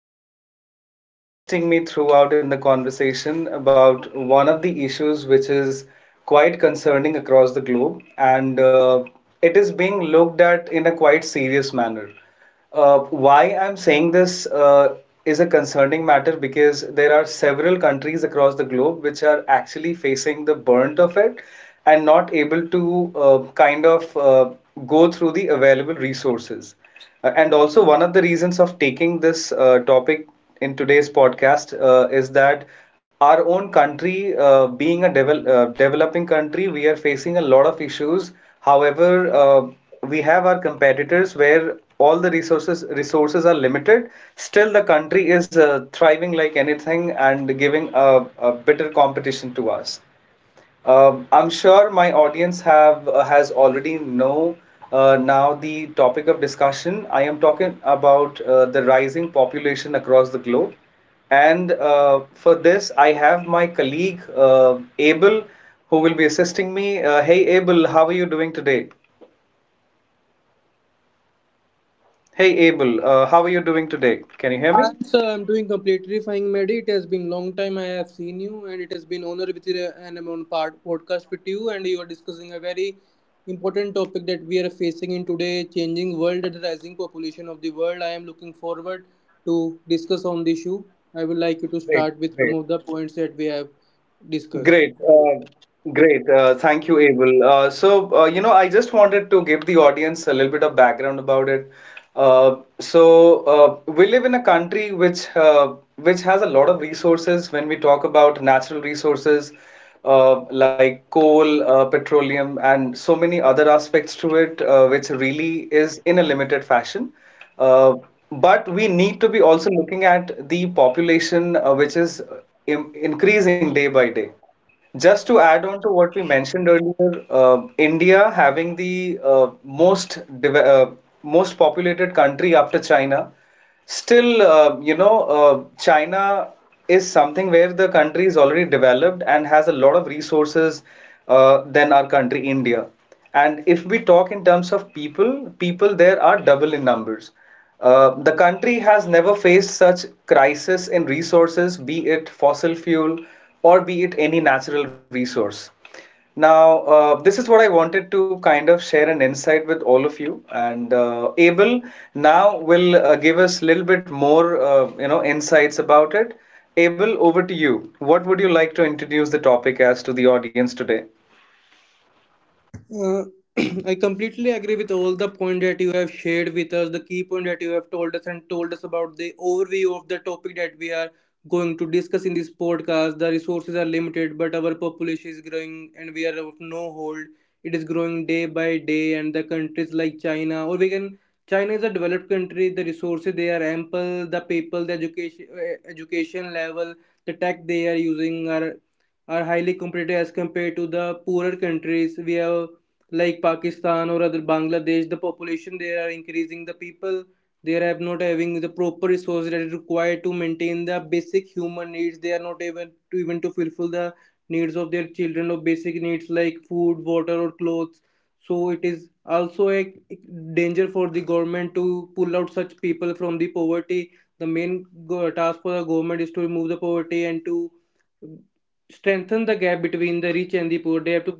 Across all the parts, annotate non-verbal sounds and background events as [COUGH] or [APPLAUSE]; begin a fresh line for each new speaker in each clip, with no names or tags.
Abel, who will be assisting me throughout in the conversation about one of the issues which is quite concerning across the globe, and it is being looked at in a quite serious manner. Why I'm saying this is a concerning matter because there are several countries across the globe which are actually facing the brunt of it and not able to kind of go through the available resources. And also, one of the reasons of taking this topic in today's podcast is that our own country, being a developing country, we are facing a lot of issues. However, we have our competitors where all the resources are limited. Still, the country is thriving like anything and giving a bitter competition to us. I'm sure my audience have has already know now the topic of discussion. I am talking about the rising population across the globe, and for this I have my colleague Abel, who will be assisting me. Hey Abel, how are you doing today? Hey Abel, how are you doing today? Can you hear me?
I'm, sir, I'm doing completely fine, Mehdi. It has been long time I have seen you, and it has been honor with you and I'm on part podcast with you. And you are discussing a very important topic that we are facing in today, changing world and rising population of the world. I am looking forward to discuss on the issue. I would like you to
Great,
start with some
great.
of the points that we have discussed.
Great, great. Thank you, Abel. So, you know, I just wanted to give the audience a little bit of background about it. So, we live in a country which has a lot of resources when we talk about natural resources like coal, petroleum, and so many other aspects to it, which really is in a limited fashion. Uh, but we need to be also looking at the population which is im increasing day by day. Just to add on to what we mentioned earlier, India having the most deve- uh, most populated country after China, still uh, China is something where the country is already developed and has a lot of resources than our country India. And if we talk in terms of people, people there are double in numbers. The country has never faced such crisis in resources, be it fossil fuel or be it any natural resource. Now, this is what I wanted to kind of share an insight with all of you. And Abel now will give us a little bit more, you know, insights about it. Abel, over to you. What would you like to introduce the topic as to the audience today?
Uh, [CLEARS THROAT] I completely agree with all the point that you have shared with us, the key point that you have told us and told us about the overview of the topic that we are going to discuss in this podcast. The resources are limited, but our population is growing and we are of no hold. It is growing day by day, and the countries like China, or we can, China is a developed country. The resources they are ample. The people, the education, education level, the tech they are using are highly competitive as compared to the poorer countries. We have, like Pakistan or other Bangladesh, the population there are increasing. The people they are not having the proper resources that is required to maintain the basic human needs. They are not even to even to fulfill the needs of their children or basic needs like food, water, or clothes. So it is also a danger for the government to pull out such people from the poverty. The main task for the government is to remove the poverty, and to strengthen the gap between the rich and the poor, they have to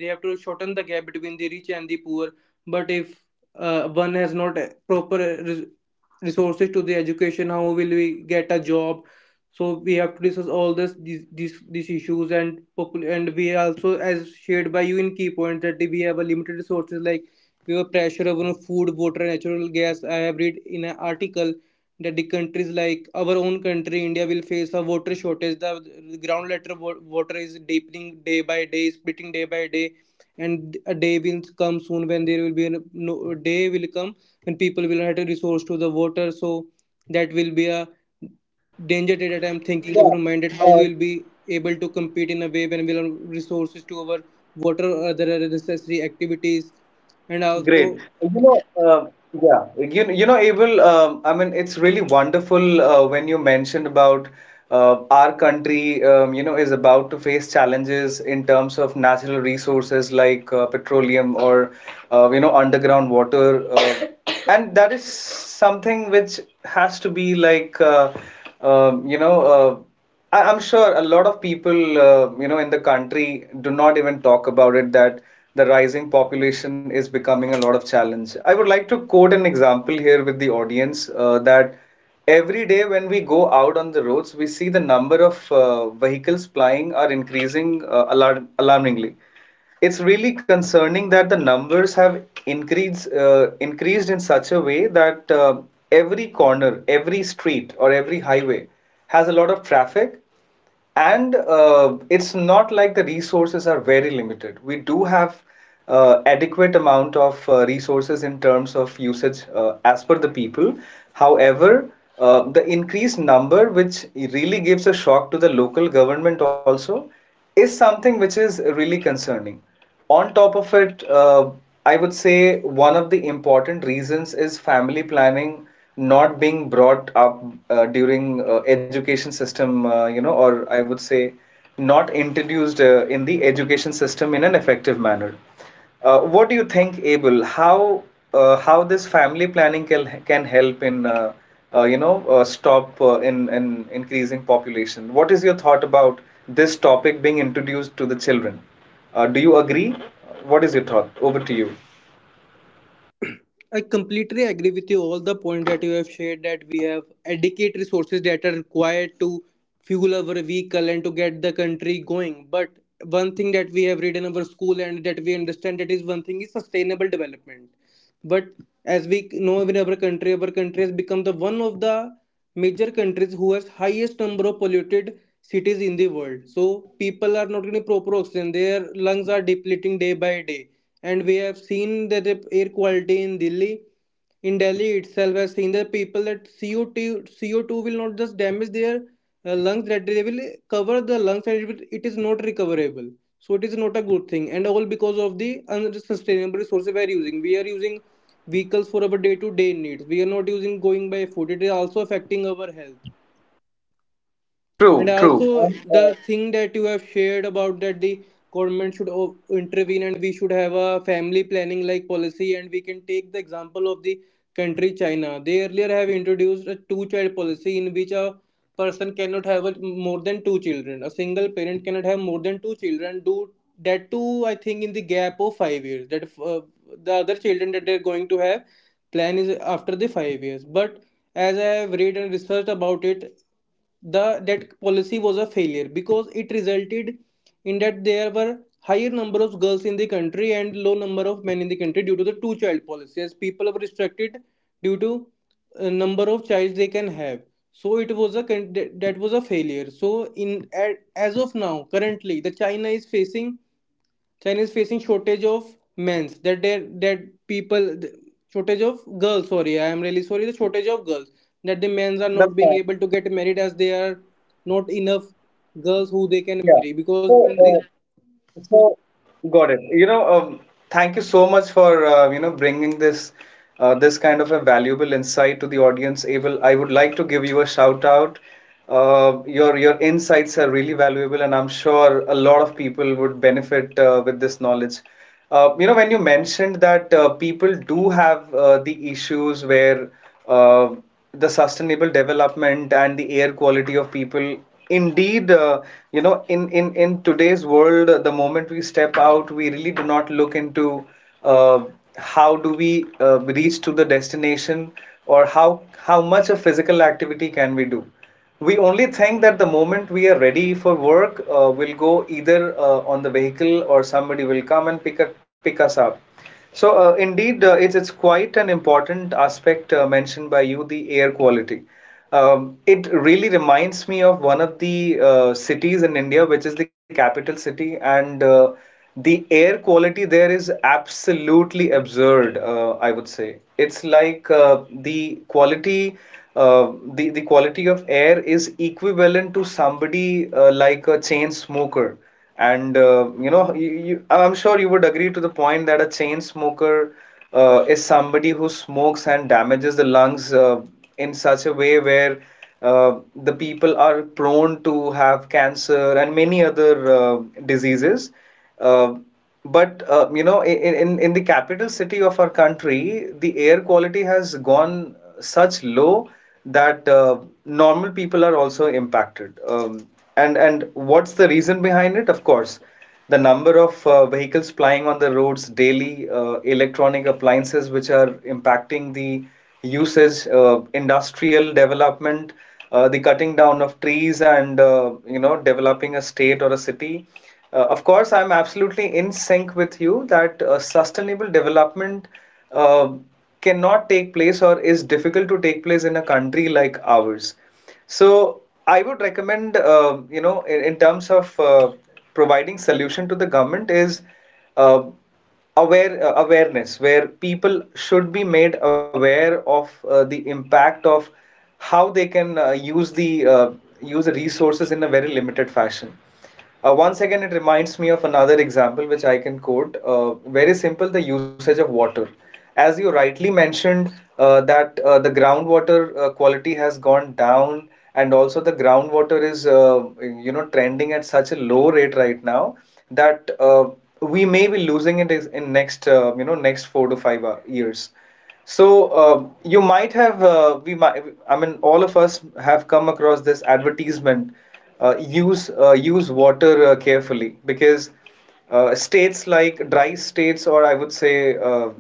they have to shorten the gap between the rich and the poor. But if one has not proper, resources to the education, how will we get a job? So we have to discuss all these issues, and and we also, as shared by you in key points, that we have a limited resources, like we have pressure over food, water, natural gas. I have read in an article that the countries like our own country India will face a water shortage. The ground letter water is deepening day by day, splitting day by day. And a day will come soon when there will be an, no, a day will come when people will have a resource to the water. So that will be a danger day that I'm thinking of,
Yeah.
reminded how
Uh,
we'll be able to compete in a way when we'll have resources to our water or other necessary activities. And also.
great. You know, yeah, you know, Abel, I mean, it's really wonderful when you mentioned about our country, you know, is about to face challenges in terms of natural resources like petroleum or, you know, underground water. And that is something which has to be like, you know, I'm sure a lot of people, you know, in the country do not even talk about it, that the rising population is becoming a lot of challenge. I would like to quote an example here with the audience that every day when we go out on the roads, we see the number of vehicles plying are increasing alarmingly. It's really concerning that the numbers have increased in such a way that every corner, every street, or every highway has a lot of traffic, and it's not like the resources are very limited. We do have adequate amount of resources in terms of usage as per the people. However, the increased number, which really gives a shock to the local government also, is something which is really concerning. On top of it, I would say one of the important reasons is family planning not being brought up during education system, you know, or I would say not introduced in the education system in an effective manner. What do you think, Abel? How how this family planning can help in you know stop in increasing population? What is your thought about this topic being introduced to the children? Do you agree? What is your thought? Over to you.
I completely agree with you. All the point that you have shared, that we have adequate resources that are required to fuel our vehicle and to get the country going. But one thing that we have read in our school and that we understand, that is one thing, is sustainable development. But as we know, in our country has become the one of the major countries who has highest number of polluted cities in the world. So people are not getting proper oxygen; their lungs are depleting day by day, and we have seen that the air quality in Delhi itself has seen the people that CO2 will not just damage their lungs, that they will cover the lungs, and it, will, it is not recoverable. So it is not a good thing, and all because of the unsustainable resources we are using, we are using vehicles for our day to day needs. We are not using going by foot. It is also affecting our health. And
True, true.
also the thing that you have shared about, that the government should intervene, and we should have a family planning like policy. And we can take the example of the country China. They earlier have introduced a two child policy in which a person cannot have more than two children. A single parent cannot have more than two children. Do that too, I think, in the gap of 5 years. That the other children that they're going to have plan is after the 5 years. But as I have read and researched about it, the that policy was a failure, because it resulted in that there were higher number of girls in the country and low number of men in the country, due to the two child policy, as people were restricted due to number of child they can have. So it was a, that was a failure. So in at, as of now, currently the China is facing shortage of men's, that they that people shortage of girls, sorry, I am really sorry, the shortage of girls, that the men's are not
That's
being
fine.
able to get married as they are not enough girls who they can marry,
Yeah.
because
So,
in the.
so, got it. You know, thank you so much for you know bringing this this kind of a valuable insight to the audience. Abel, I would like to give you a shout out. Your your insights are really valuable, and I'm sure a lot of people would benefit with this knowledge. You know, when you mentioned that people do have the issues where uh, the sustainable development and the air quality of people, indeed, you know, in today's world, the moment we step out, we really do not look into uh, how do we reach to the destination or how much of physical activity can we do. We only think that the moment we are ready for work, we'll go either on the vehicle or somebody will come and pick us up. So, indeed, it's quite an important aspect mentioned by you, the air quality. It really reminds me of one of the cities in India, which is the capital city, and the air quality there is absolutely absurd, I would say. It's like the quality of air is equivalent to somebody like a chain smoker. And you know, I'm sure you would agree to the point that a chain smoker is somebody who smokes and damages the lungs in such a way where the people are prone to have cancer and many other diseases. Uh, but you know, in the capital city of our country, the air quality has gone such low that normal people are also impacted. And and what's the reason behind it? Of course, the number of vehicles plying on the roads daily, electronic appliances which are impacting the usage, industrial development, the cutting down of trees and you know developing a state or a city. Of course, I'm absolutely in sync with you that sustainable development uh, cannot take place or is difficult to take place in a country like ours. So I would recommend, you know, in terms of providing solution to the government is uh, awareness where people should be made aware of the impact of how they can use the resources in a very limited fashion. Once again, it reminds me of another example which I can quote, very simple, the usage of water. As you rightly mentioned, that the groundwater quality has gone down, and also the groundwater is you know trending at such a low rate right now that we may be losing in next you know next four to five years. So you might have we might, I mean all of us have come across this advertisement, use water carefully, because states like dry states, or I would say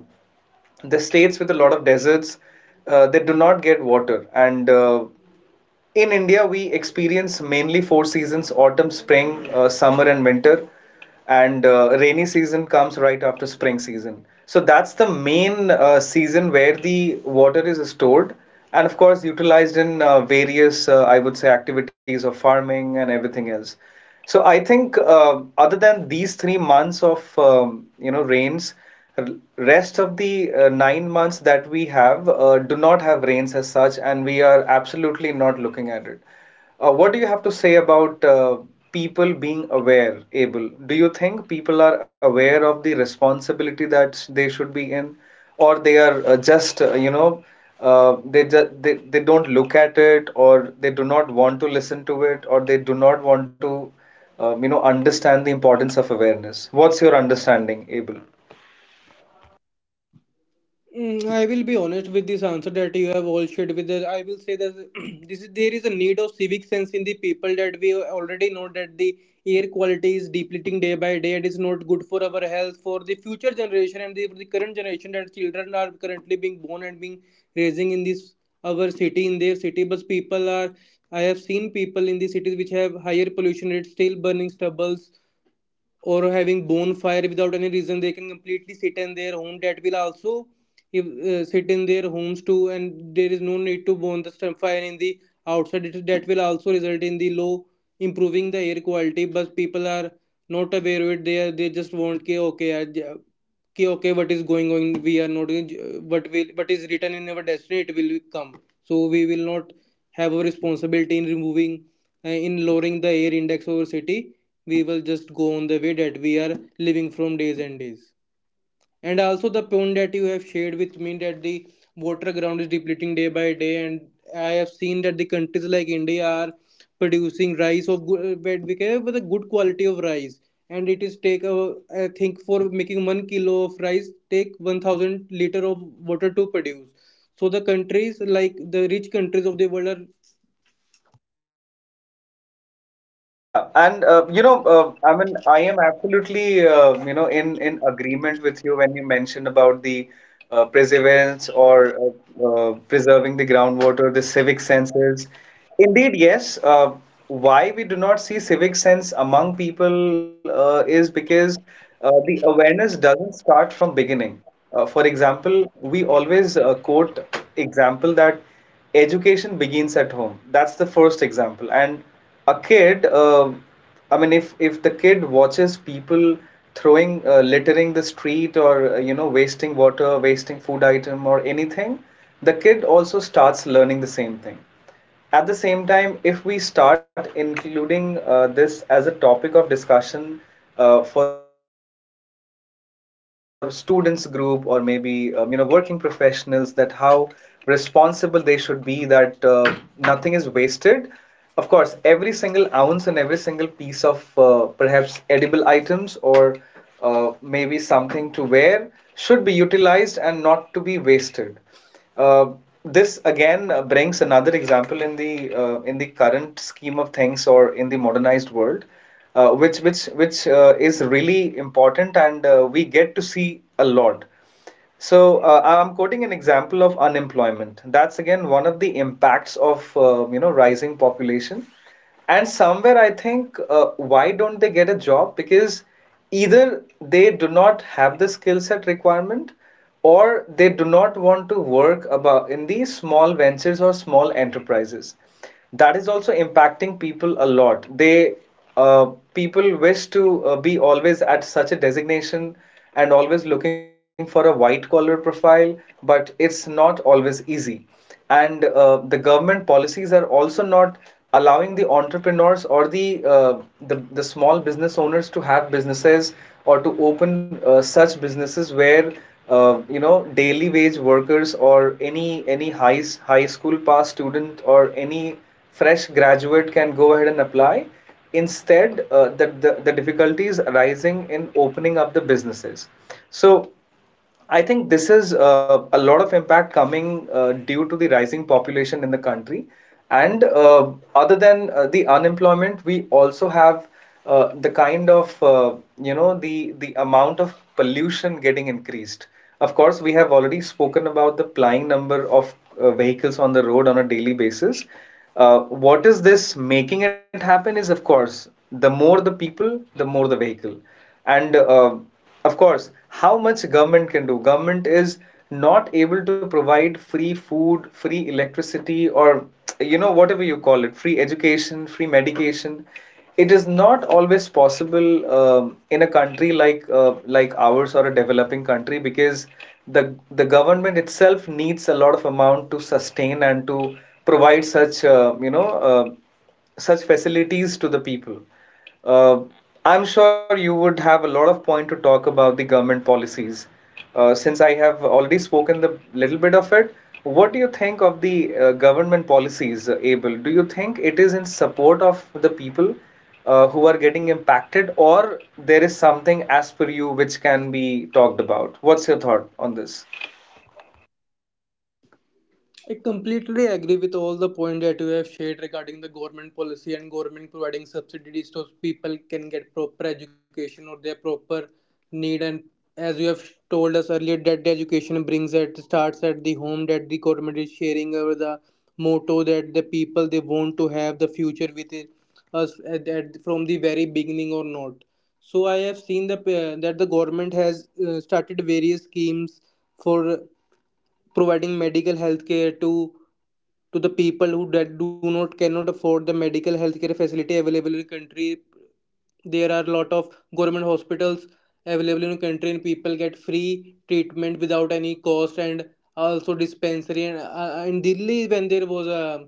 the states with a lot of deserts, they do not get water. And in India, we experience mainly four seasons: autumn, spring, summer, and winter. And rainy season comes right after spring season. So that's the main season where the water is stored and, of course, utilized in various, I would say, activities of farming and everything else. So I think other than these 3 months of you know rains, r- rest of the 9 months that we have do not have rains as such, and we are absolutely not looking at it. What do you have to say about people being aware, Abel? Do you think people are aware of the responsibility that they should be in, or they are just, you know, they just they don't look at it, or they do not want to listen to it, or they do not want to, you know, understand the importance of awareness? What's your understanding, Abel?
Mm, I will be honest with this answer that you have all shared with us. I will say that [CLEARS THROAT] this is there is a need of civic sense in the people, that we already know that the air quality is depleting day by day. It is not good for our health, for the future generation and for the current generation, that children are currently being born and being raising in this our city in their city. But people are, I have seen people in the cities which have higher pollution rates still burning stubbles or having bonfire without any reason. They can completely sit in their home, that will also, if, sit in their homes too, and there is no need to burn the stump fire in the outside. That will also result in the low, improving the air quality. But people are not aware of it, they just want ki okay, ki okay, what is going on. We are not going, what is written in our destiny, it will come, so we will not have a responsibility in removing, in lowering the air index over city. We will just go on the way that we are living from days and days. And also the point that you have shared with me, that the water ground is depleting day by day. And I have seen that the countries like India are producing rice of good, but with a good quality of rice, and it is take I think, for making 1 kilo of rice, take 1,000 liter of water to produce. So the countries like the rich countries of the world are.
Yeah, and you know, I mean, I am absolutely in agreement with you when you mentioned about the perseverance or preserving the groundwater, the civic senses. Indeed, yes. Why we do not see civic sense among people is because the awareness doesn't start from beginning. For example, we always quote example that education begins at home, that's the first example. And a kid, if the kid watches people throwing, littering the street, or wasting water, wasting food item, or anything, the kid also starts learning the same thing. At the same time, if we start including this as a topic of discussion for students group, or maybe working professionals, that how responsible they should be, that nothing is wasted. Of course, every single ounce and every single piece of perhaps edible items, or maybe something to wear should be utilized and not to be wasted. Uh, this again brings another example in the current scheme of things, or in the modernized world, which is really important, and we get to see a lot. So I'm quoting an example of unemployment. That's again one of the impacts of rising population. And somewhere I think, why don't they get a job? Because either they do not have the skill set requirement, or they do not want to work about in these small ventures or small enterprises. That is also impacting people a lot. They People wish to be always at such a designation and always looking for a white collar profile, but it's not always easy. And the government policies are also not allowing the entrepreneurs or the small business owners to have businesses, or to open such businesses where daily wage workers, or any high school pass student, or any fresh graduate can go ahead and apply. Instead the difficulties arising in opening up the businesses. So I think this is a lot of impact coming due to the rising population in the country. And other than the unemployment, we also have the kind of, the amount of pollution getting increased. Of course, we have already spoken about the plying number of vehicles on the road on a daily basis. What is this making it happen is, of course, the more the people, the more the vehicle. And of course, how much government can do, government is not able to provide free food, free electricity, or you know, whatever you call it, free education, free medication, it is not always possible in a country like ours, or a developing country, because the the government itself needs a lot of amount to sustain and to provide such, you know, uh, such facilities to the people. uh, I'm sure you would have a lot of point to talk about the government policies. Since I have already spoken the little bit of it, what do you think of the government policies, Abel? Do you think it is in support of the people who are getting impacted, or there is something as per you which can be talked about? What's your thought on this?
I completely agree with all the point that you have shared regarding the government policy and government providing subsidies, so people can get proper education or their proper need. And as you have told us earlier, that the education brings at starts at the home. That the government is sharing over the motto, that the people they want to have the future with it, us at, from the very beginning or not. So I have seen the that the government has started various schemes for providing medical health care to the people who that do not cannot afford the medical health care facility available in the country. There are a lot of government hospitals available in the country, and people get free treatment without any cost. And also dispensary, and in Delhi, when there was a,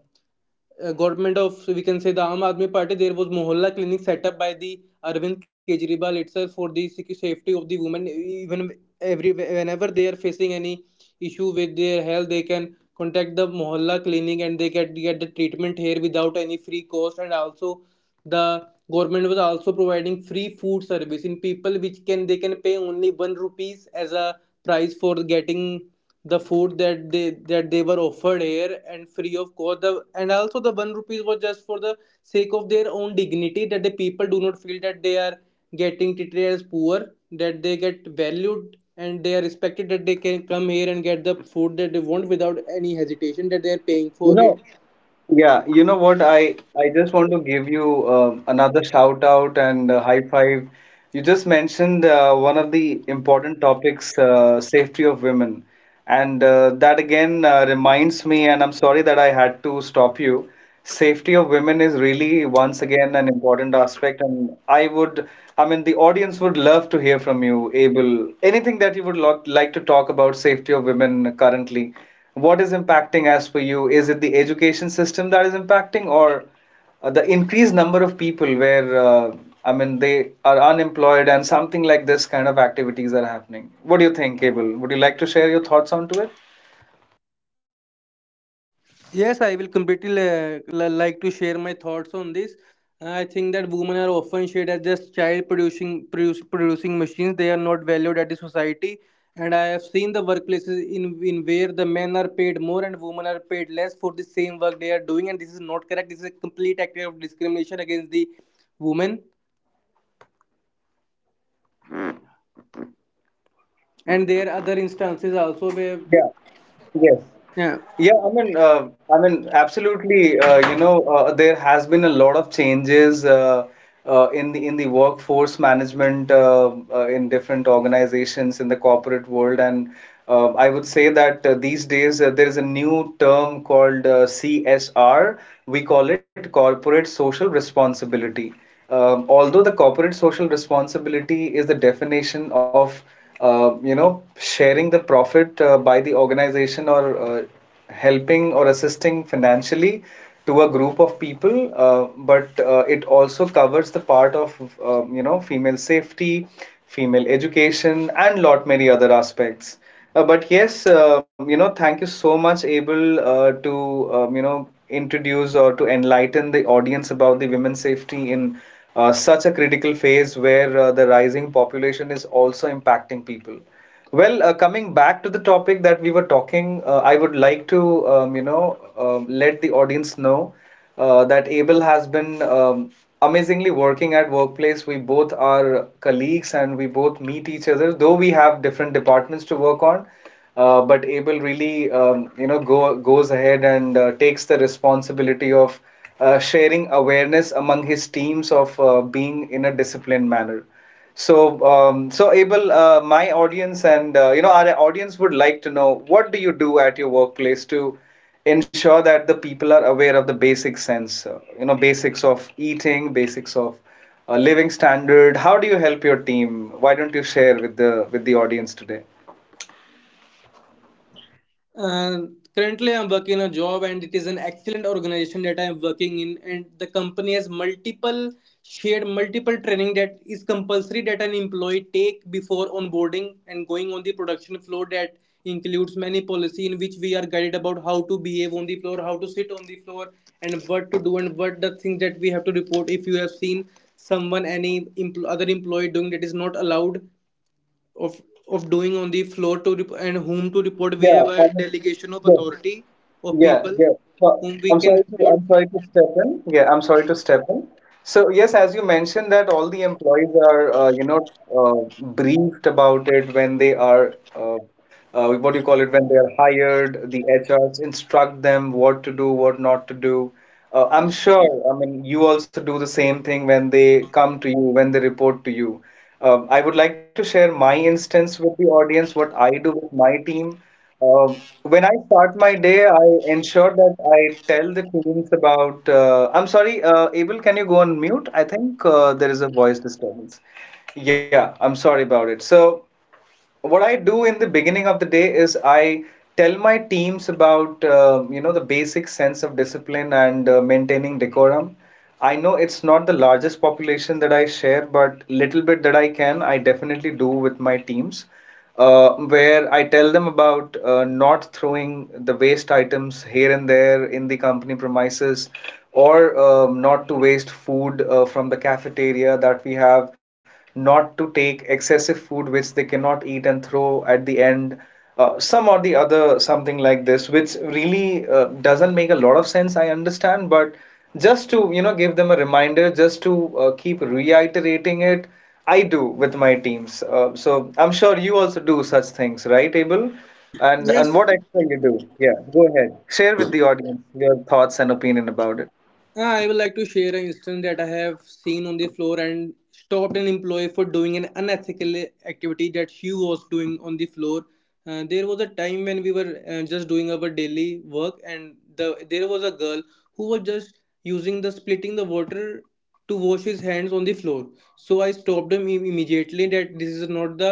a government of, we can say, the Aam Aadmi Party, there was Mohalla Clinic set up by the Arvind Kejriwal itself, for the safety of the women, even every whenever they are facing any issue with their health, they can contact the Mohalla Clinic, and they get the treatment here without any free cost. And also the government was also providing free food service in people, which can they can pay only 1 rupees as a price for getting the food that they were offered here and free of cost. The And also the 1 rupees was just for the sake of their own dignity, that the people do not feel that they are getting treated poor, that they get valued and they are respected, that they can come here and get the food that they want without any hesitation, that they are paying
You
for
know,
it.
Yeah, you know what? I just want to give you another shout out and high five. You just mentioned one of the important topics, safety of women, and that again reminds me. And I'm sorry that I had to stop you. Safety of women is really once again an important aspect, and I would, I mean, the audience would love to hear from you, Abel. Anything that you would lo like to talk about safety of women currently? What is impacting as per you? Is it the education system that is impacting, or the increased number of people where, I mean, they are unemployed and something like this kind of activities are happening? What do you think, Abel? Would you like to share your thoughts onto it?
Yes, I will completely like to share my thoughts on this. I think that women are often shared as just child producing, producing machines. They are not valued at the society. And I have seen the workplaces in where the men are paid more and women are paid less for the same work they are doing, and this is not correct. This is a complete act of discrimination against the women. And there are other instances also where,
Yeah, yes.
yeah.
Yeah, I mean, absolutely. You know, there has been a lot of changes in the workforce management in different organizations in the corporate world, and I would say that these days there is a new term called CSR. We call it corporate social responsibility. Although the corporate social responsibility is the definition of you know, sharing the profit by the organization, or helping or assisting financially to a group of people, but it also covers the part of you know, female safety, female education, and lot many other aspects. But yes, you know, thank you so much, Abel, to you know, introduce or to enlighten the audience about the women's safety in such a critical phase where the rising population is also impacting people. Well, coming back to the topic that we were talking, I would like to, you know, let the audience know that Abel has been amazingly working at workplace. We both are colleagues and we both meet each other, though we have different departments to work on. But Abel really, you know, goes ahead and takes the responsibility of sharing awareness among his teams of being in a disciplined manner. So, so Abel, my audience and you know, our audience would like to know, what do you do at your workplace to ensure that the people are aware of the basic sense, you know, basics of eating, basics of living standard. How do you help your team? Why don't you share with the audience today?
uh, Currently I'm working a job, and it is an excellent organization that I'm working in, and the company has multiple, shared multiple Training that is compulsory that an employee take before onboarding and going on the production floor that includes many policy in which we are guided about how to behave on the floor, how to sit on the floor and what to do and what the things that we have to report if you have seen someone, any other employee doing that is not allowed of of doing on the floor, to and whom to report. We
Yeah,
have a
I
delegation of
yes.
authority of
Yeah,
people
yeah. So,
whom we can report.
I'm sorry to step in. Yeah, I'm sorry to step in. So yes, as you mentioned that all the employees are, you know, briefed about it when they are, what do you call it, when they are hired. The HRs instruct them what to do, what not to do. I'm sure, I mean, you also do the same thing when they come to you, when they report to you. I would like to share my instance with the audience, what I do with my team. When I start my day, I ensure that I tell the teams about. I'm sorry, Abel, can you go on mute? I think there is a voice disturbance. Yeah, I'm sorry about it. So, what I do in the beginning of the day is I tell my teams about, you know, the basic sense of discipline and maintaining decorum. I know it's not the largest population that I share, but little bit that I can, I definitely do with my teams, where I tell them about, not throwing the waste items here and there in the company premises, or not to waste food from the cafeteria that we have, not to take excessive food which they cannot eat and throw at the end. Some or the other, something like this, which really doesn't make a lot of sense, I understand, but just to you know, give them a reminder, just to keep reiterating it I do with my teams. So I'm sure you also do such things, right, Abel? And
Yes.
what extra you do? Yeah, go ahead. Share with the audience your thoughts and opinion about it.
I would like to share an instance that I have seen on the floor and stopped an employee for doing an unethical activity that she was doing on the floor. There was a time when we were just doing our daily work and there was a girl who was just using the splitting the water to wash his hands on the floor. So I stopped him immediately that this is not the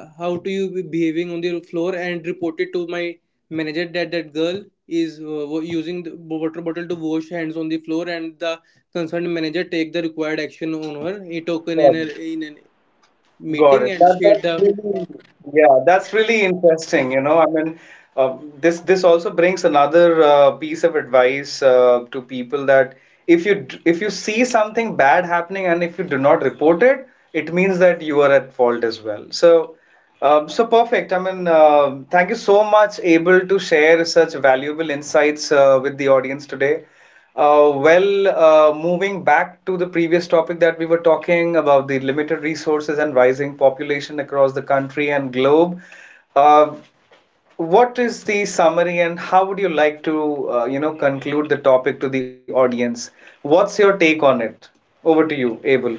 how to you be behaving on the floor, and reported to my manager that that girl is using the water bottle to wash hands on the floor, and the concerned manager take the required action on her. He took in
Got it.
a
Got
meeting
it.
and
That,
shared
that's
the
really, yeah, that's really interesting. You know, I mean, this this also brings another piece of advice to people that if you see something bad happening and if you do not report it, it means that you are at fault as well. So, so perfect. I mean, thank you so much, Abel, to share such valuable insights with the audience today. Well, moving back to the previous topic that we were talking about, the limited resources and rising population across the country and globe, uh, what is the summary and how would you like to, you know, conclude the topic to the audience? What's your take on it? Over to you, Abel.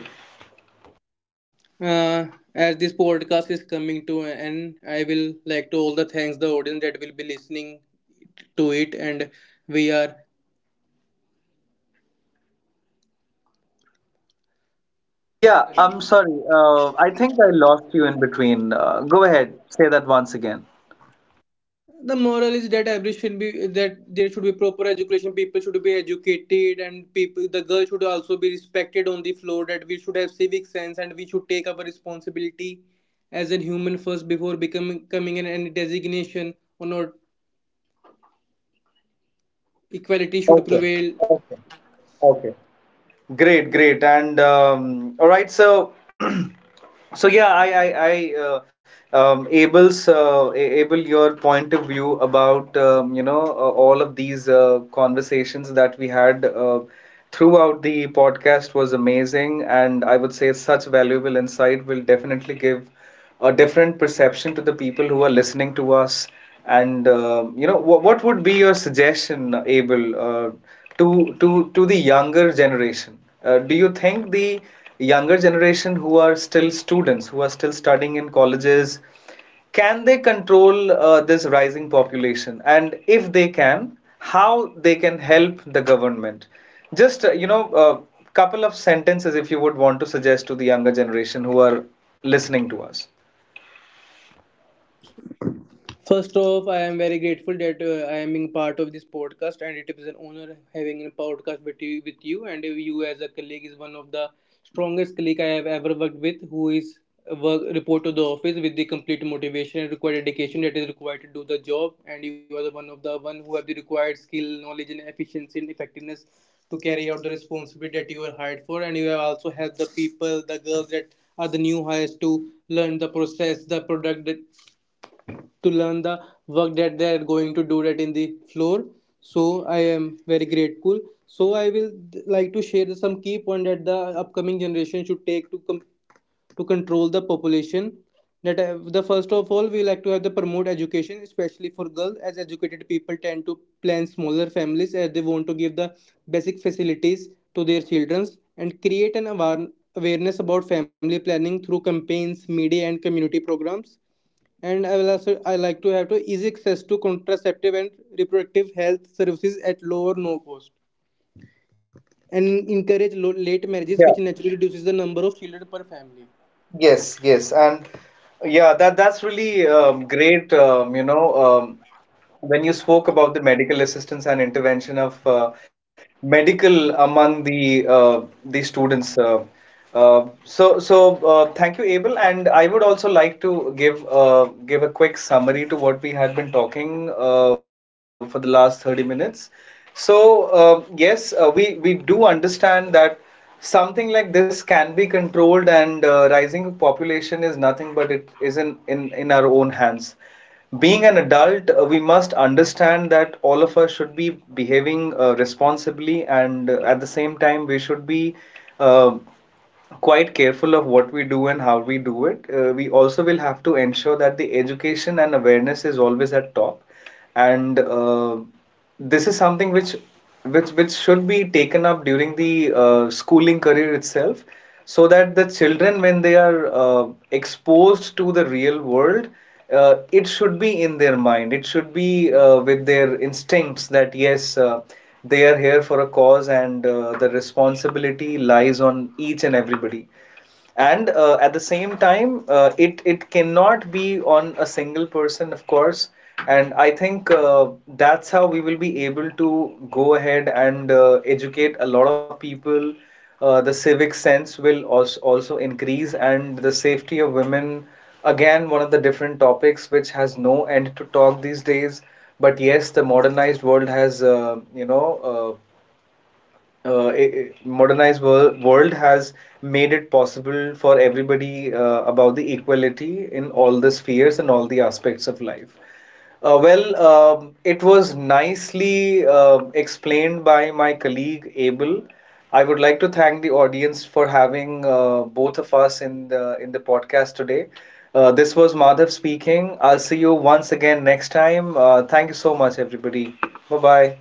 Uh, as this podcast is coming to an end, I will like to all the thanks the audience that will be listening to it, and we are.
Yeah, I'm sorry. I think I lost you in between. Go ahead, say that once again.
The moral is that every should be that there should be proper education. People should be educated, and people the girl should also be respected on the floor. That we should have civic sense, and we should take our responsibility as a human first before becoming coming in any designation or not. Equality should
Okay,
prevail.
okay, okay. Great, great, and all right. So, [CLEARS THROAT] so yeah, Abel, your point of view about you know, all of these conversations that we had throughout the podcast was amazing, and I would say such valuable insight will definitely give a different perception to the people who are listening to us. And you know, what would be your suggestion, Abel, to the younger generation? Do you think the younger generation who are still students, who are still studying in colleges, can they control this rising population? And if they can, how they can help the government? Just you know, a couple of sentences if you would want to suggest to the younger generation who are listening to us.
First off, I am very grateful that I am being part of this podcast, and it is an honor having a podcast with you. With you, and you as a colleague is one of the strongest colleague I have ever worked with, who is work report to the office with the complete motivation and required dedication that is required to do the job. And you are the one of the one who have the required skill, knowledge, and efficiency and effectiveness to carry out the responsibility that you are hired for. And you have also helped the people, the girls that are the new hires to learn the process, the product to learn the work that they are going to do that in the floor. So I am very grateful. So I will like to share some key point that the upcoming generation should take to to control the population. That the first of all, we like to have the promote education especially for girls, as educated people tend to plan smaller families as they want to give the basic facilities to their children, and create an awareness about family planning through campaigns, media and community programs. And I will also I like to have to easy access to contraceptive and reproductive health services at low or no cost, and encourage late marriages, which
Yeah,
naturally reduces the number of children per family.
yes, and yeah, that that's really great. You know, when you spoke about the medical assistance and intervention of, medical among the students. So thank you, Abel, and I would also like to give, give a quick summary to what we had been talking for the last 30 minutes. So yes, we do understand that something like this can be controlled, and rising population is nothing but it is in our own hands. Being an adult, we must understand that all of us should be behaving responsibly, and at the same time, we should be uh, quite careful of what we do and how we do it. We also will have to ensure that the education and awareness is always at top, and this is something which should be taken up during the schooling career itself, so that the children, when they are exposed to the real world, it should be in their mind. It should be with their instincts that yes. They are here for a cause, and the responsibility lies on each and everybody, and at the same time it cannot be on a single person, of course. And I think that's how we will be able to go ahead and educate a lot of people. The civic sense will also increase, and the safety of women, again, one of the different topics which has no end to talk these days. But yes, the modernized world has you know, uh, uh, i i- modernized world has made it possible for everybody about the equality in all the spheres and all the aspects of life. Well, it was nicely explained by my colleague Abel. I would like to thank the audience for having both of us in the podcast today. This was Madhav speaking. I'll see you once again next time. Thank you so much, everybody. Bye bye.